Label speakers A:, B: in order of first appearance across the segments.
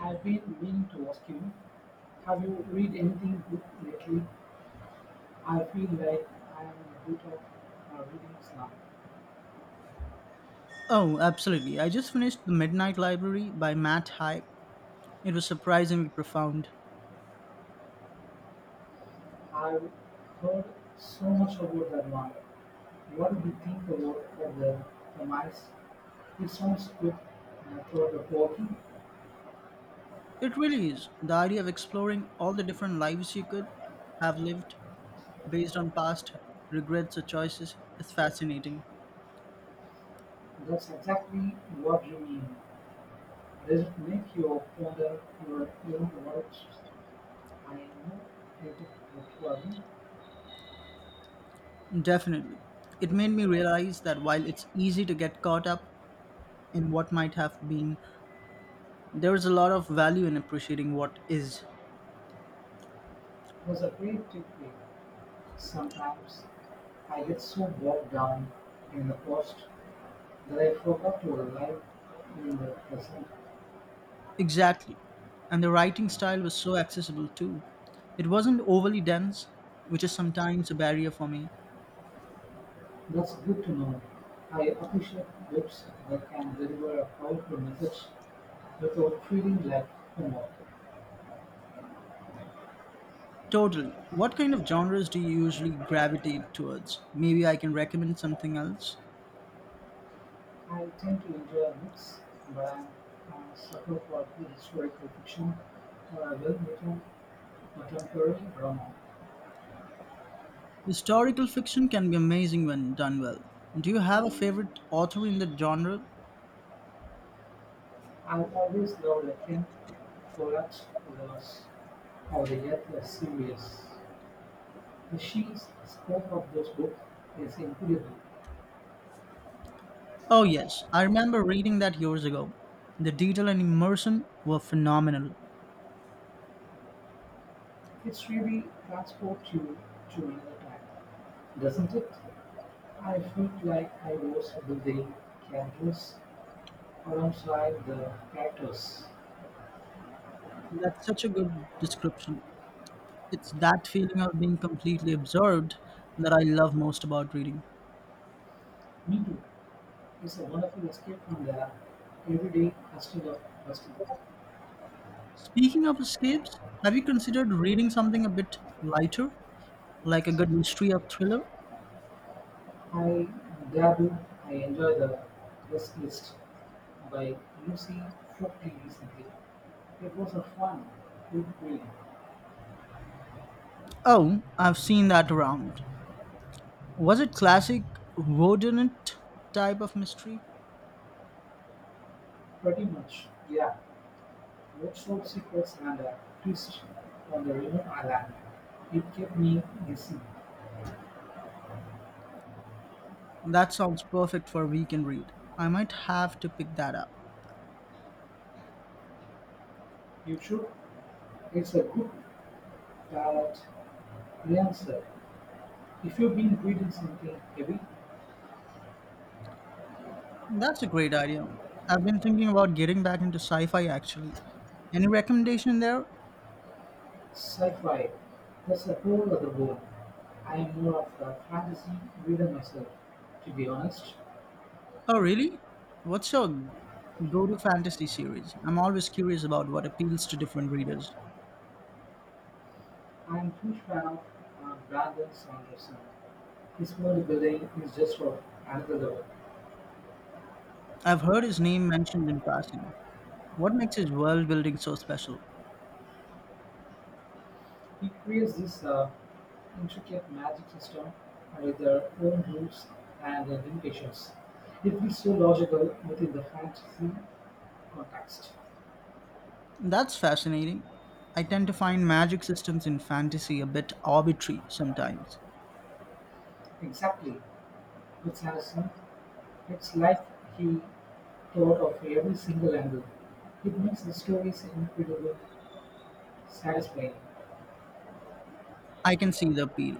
A: I've been meaning to ask you, have you read anything good lately? I feel like I am a bit of a reading slump.
B: Oh, absolutely. I just finished The Midnight Library by Matt Haig. It was surprisingly profound.
A: I've heard so much about that one. What do you think about for the premise? It sounds good for the walking.
B: It really is. The idea of exploring all the different lives you could have lived based on past regrets or choices is fascinating.
A: That's exactly what you mean. Does it make you ponder your own words? I know you could require me.
B: Definitely. It made me realize that while it's easy to get caught up in what might have been, there is a lot of value in appreciating what is.
A: That's a great takeaway. Sometimes I get so bogged down in the past that I forgot to live in the present.
B: Exactly. And the writing style was so accessible too. It wasn't overly dense, which is sometimes a barrier for me.
A: That's good to know. I appreciate books that can deliver a powerful message without feeling like homework.
B: Totally. What kind of genres do you usually gravitate towards? Maybe I can recommend something else.
A: I tend to enjoy books, but I'm a sucker for the historical fiction or a well-written contemporary drama.
B: Historical fiction can be amazing when done well. Do you have a favorite author in the genre?
A: I've always loved Ken Follett's novels or the Earth series. The sheer scope of those books is incredible.
B: Oh, yes. I remember reading that years ago. The detail and immersion were phenomenal.
A: It's really transports you to another time, doesn't it? I felt like I was building characters alongside the characters.
B: That's such a good description. It's that feeling of being completely absorbed that I love most about reading.
A: Me too. It's a wonderful escape from the everyday hustle of hustle.
B: Speaking of escapes, have you considered reading something a bit lighter, like a good mystery or thriller?
A: I dabble, I enjoy the guest list by Lucy Fockey recently. It was a fun, good read,
B: Oh, I've seen that around. Was it classic Rodinant type of mystery?
A: pretty much, yeah. Roadshow sequels and a twist on the remote island, it kept me guessing.
B: That sounds perfect for a weekend read. I might have to pick that up.
A: You should. It's a good palate cleanser. If you've been reading something heavy,
B: That's a great idea. I've been thinking about getting back into sci fi actually. Any recommendation there?
A: sci-fi, that's a whole other world. I am more of a fantasy reader myself, to be honest.
B: Oh, really? What's your go-to fantasy series? I'm always curious about what appeals to different readers.
A: I am a huge fan of Brandon Sanderson. His world building is just for another level.
B: I've heard his name mentioned in passing. What makes his world building so special?
A: He creates this intricate magic system with their own rules and limitations. It feels so logical within the fantasy context.
B: That's fascinating. I tend to find magic systems in fantasy a bit arbitrary sometimes.
A: Exactly. With Sanderson, it's like he thought of every single angle. It makes the stories incredible, satisfying.
B: I can see the appeal.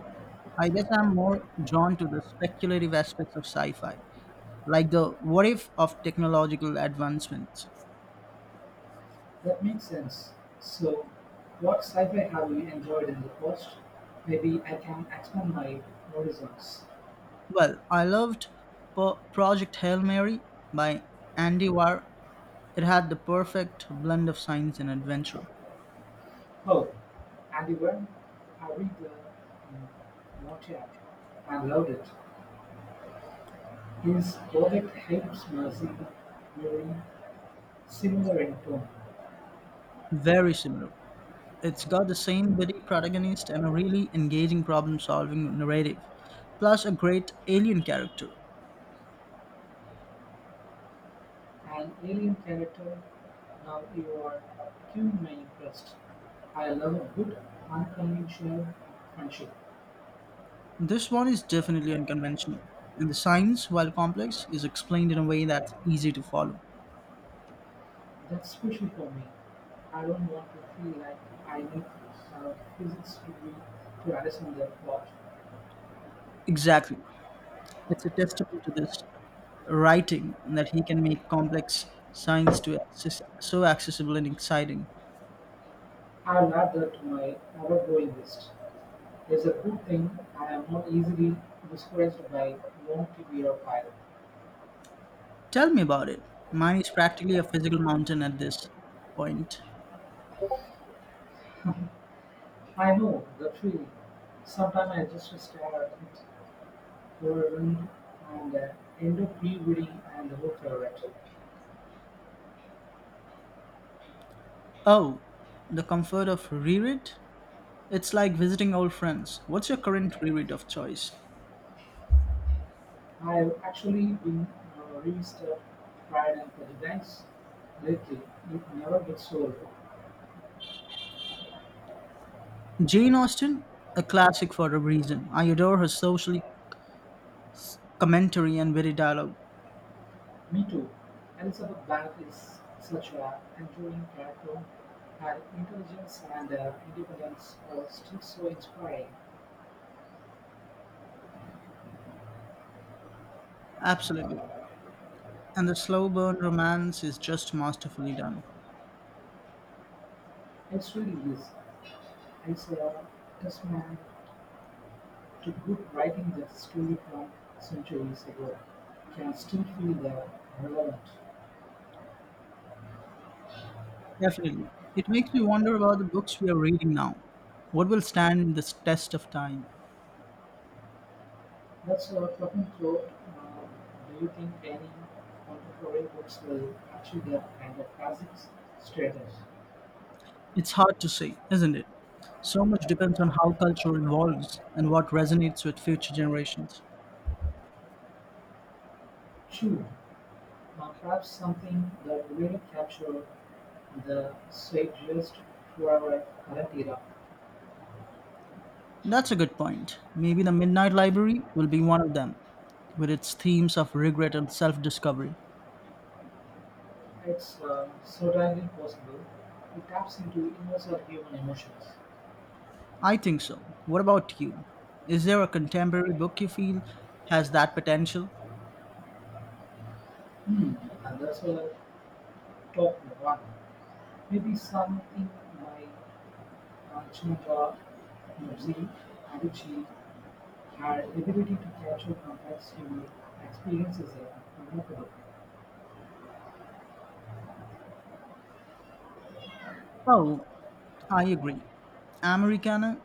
B: I guess I'm more drawn to the speculative aspects of sci fi, like the what if of technological advancements.
A: That makes sense. So, what sci-fi have you enjoyed in the past? Maybe I can expand my horizons.
B: Well, I loved Project Hail Mary by Andy Weir. It had the perfect blend of science and adventure.
A: Oh, and you went. I read the Montaigne and loved it. His poet helps Mercy Mary similar in tone,
B: Very similar. It's got the same witty protagonist and a really engaging problem solving narrative, plus a great alien character.
A: an alien character. Now you are cueing my interest. I love a good unconventional friendship.
B: This one is definitely unconventional, and the science, while complex, is explained in a way that's easy to follow.
A: That's special for me. I don't want to feel like I need physics degree to understand that plot.
B: Exactly. It's a testament to this writing that he can make complex science to access, so accessible and exciting.
A: I'll add that to my overgoing list. It's a good thing I am not easily discouraged by want to be a pilot.
B: Tell me about it. Mine is practically a physical mountain at this point.
A: I know that feeling. Sometimes I just stare at it for a minute and end up rereading and look for it.
B: Oh, the comfort of reread? It's like visiting old friends. What's your current reread of choice?
A: I've actually been revisited Pride and Prejudice lately. It never gets old.
B: Jane Austen, a classic for a reason. I adore her socially commentary and witty dialogue.
A: Me too. Elizabeth Bank is such a enduring character. Her intelligence and independence are still so inspiring.
B: Absolutely. And the slow burn romance is just masterfully done.
A: It really is. I saw this man to good writing that story from centuries ago can still feel relevant.
B: Definitely. It makes me wonder about the books we are reading now. What will stand the test of time?
A: That's a profound thought. Uh, do you think any contemporary books will achieve that kind of classic status?
B: It's hard to say, isn't it? So much depends on how culture evolves and what resonates with future generations.
A: Sure, perhaps something that really captures the zeitgeist for our current era.
B: That's a good point. Maybe the Midnight Library will be one of them, with its themes of regret and self discovery.
A: It's certainly possible. It taps into universal human emotions.
B: I think so. What about you? Is there a contemporary book you feel has that potential?
A: Hmm, that's a top one. Maybe something by Chinua Achebe, Adichie had the ability to capture complex human experiences in a remarkable.
B: Oh, I agree. Americana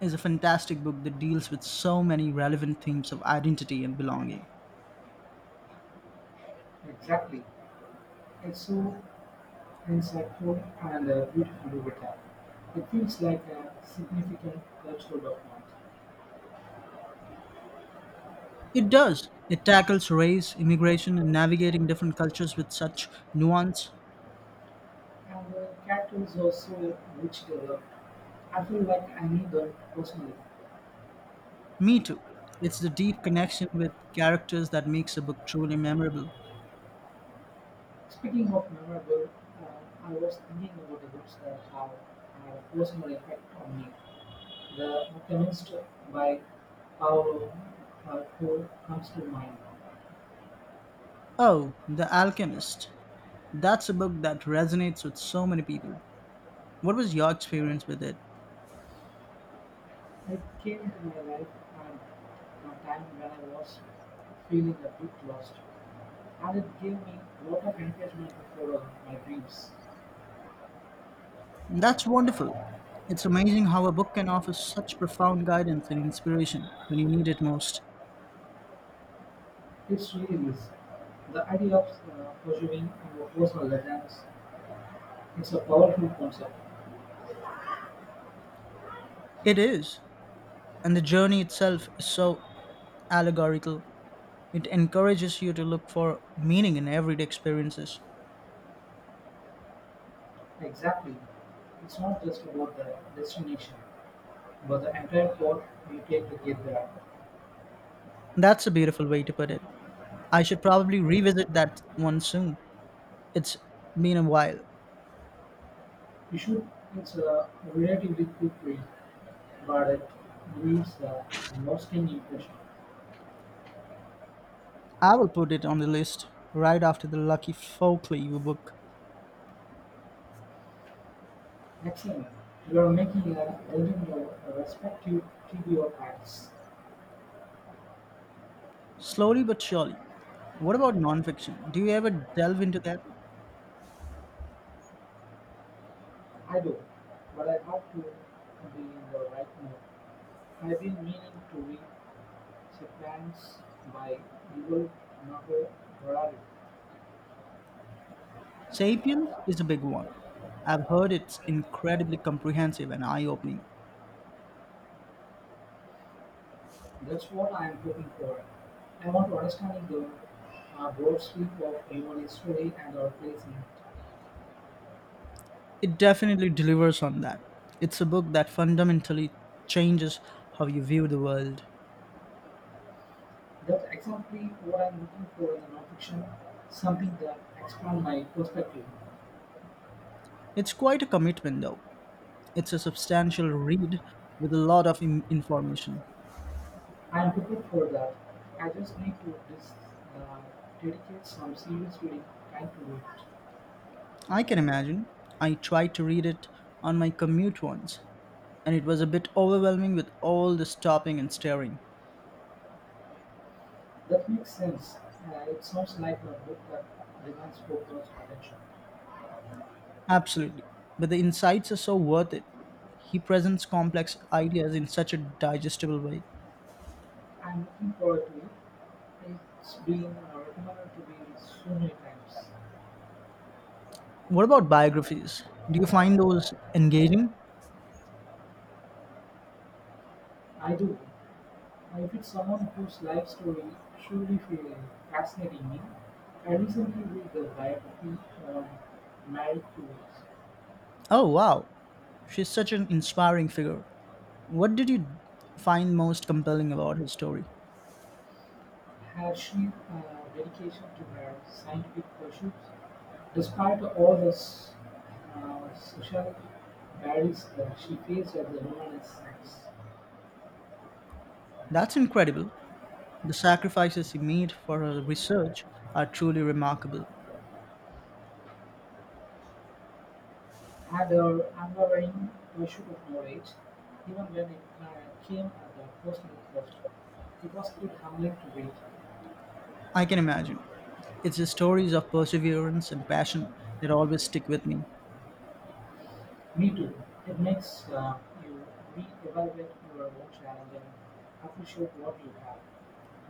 B: is a fantastic book that deals with so many relevant themes of identity and belonging.
A: Exactly. It's so insightful and beautifully written. It feels like a significant cultural document.
B: It does. It tackles race, immigration, and navigating different cultures with such nuance.
A: And the characters are so rich developed. I feel like I need them personally.
B: Me too. It's the deep connection with characters that makes a book truly memorable.
A: Speaking of memorable, uh, I was thinking about the books that have had a personal effect on me. The Alchemist by Paolo Coelho comes to mind.
B: Oh, The Alchemist. That's a book that resonates with so many people. What was your experience with it?
A: It came into my life and a time when I was feeling a bit lost, and it gave me a lot of encouragement to follow my dreams.
B: And that's wonderful. It's amazing how a book can offer such profound guidance and inspiration when you need it most.
A: It's really is. The idea of pursuing your personal legends is a powerful concept.
B: It is. And the journey itself is so allegorical. It encourages you to look for meaning in everyday experiences.
A: Exactly. It's not just about the destination, but the entire path you take to get there.
B: That's a beautiful way to put it. I should probably revisit that one soon. It's been a while.
A: You should it's a relatively quick read, but it leaves the lasting impression.
B: I will put it on the list right after the Lucky Folkley book.
A: Excellent. You are making a building your respective TV or acts.
B: Slowly but surely. What about nonfiction? Do you ever delve into that?
A: I do, but I have to be in the right mood. I've been meaning to read Sapiens by Yuval Noah Harari.
B: Sapiens is a big one. I've heard it's incredibly comprehensive and eye opening.
A: That's what I'm hoping for. I want to understand the broad sweep of human history and our place in it.
B: It definitely delivers on that. It's a book that fundamentally changes how you view the world.
A: That's exactly what I'm looking for in the nonfiction, something that expands my perspective.
B: It's quite a commitment, though. It's a substantial read with a lot of im information.
A: I'm hoping for that. I just need to uh, dedicate some serious reading time to it.
B: I can imagine. I tried to read it on my commute once, and it was a bit overwhelming with all the stopping and staring.
A: That makes sense. It sounds like a book that demands focused attention.
B: Absolutely. But the insights are so worth it. He presents complex ideas in such a digestible way.
A: I'm looking forward to it. It's been recommended to me so many times.
B: What about biographies? Do you find those engaging?
A: I do. I fit someone whose life story truly fa- fascinating? Me. I recently read the biography on Mary Curie.
B: Oh, wow. She's such an inspiring figure. What did you find most compelling about his story?
A: Her sheer dedication to her scientific pursuits, despite all the social barriers that she faced at the Renaissance,
B: That's incredible. The sacrifices he made for her research are truly remarkable.
A: had her unwavering pursuit of knowledge, even when it came at the personal cost. It was still humbling to read.
B: I can imagine. It's the stories of perseverance and passion that always stick with me.
A: Me too. It makes you re-evaluate your own challenge and appreciate what you have.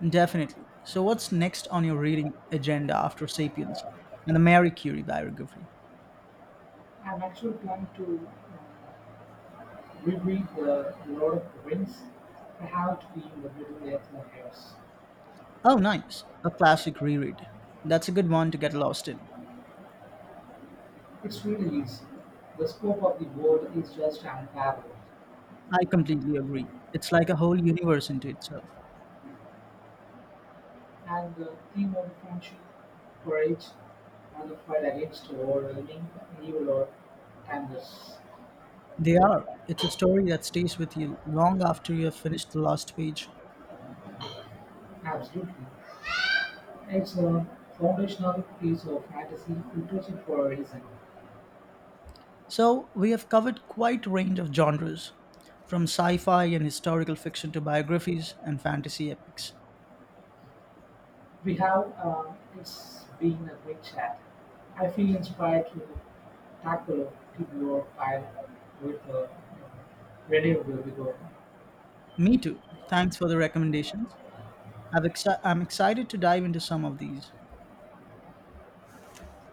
B: Definitely. So, what's next on your reading agenda after Sapiens and the Mary Curie biography?
A: I'm actually planning to um, reread The Lord of the Rings. I have to be in the Middle Earth in years.
B: Oh, nice. A classic reread. That's a good one to get lost in.
A: It's really easy. The scope of the world is just unparalleled,
B: I completely agree. It's like a whole universe into itself.
A: and the theme of friendship, courage, and the fight against overwhelming evil or timeless.
B: They are. It's a story that stays with you long after you have finished the last page.
A: Absolutely. It's a foundational piece of fantasy literature for a reason.
B: So, we have covered quite a range of genres, from sci fi and historical fiction to biographies and fantasy epics.
A: We have, it's been a great chat. I feel inspired to tackle a particular file with a renewable vigor.
B: Me too. Thanks for the recommendations. I'm excited to dive into some of these.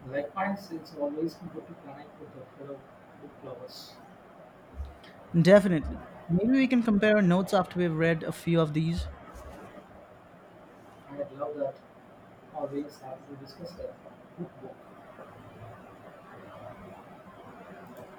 A: Likewise, it's always good to connect with the fellow book lovers.
B: Definitely. Maybe we can compare our notes after we've read a few of these.
A: I love that always happy to discuss a good book.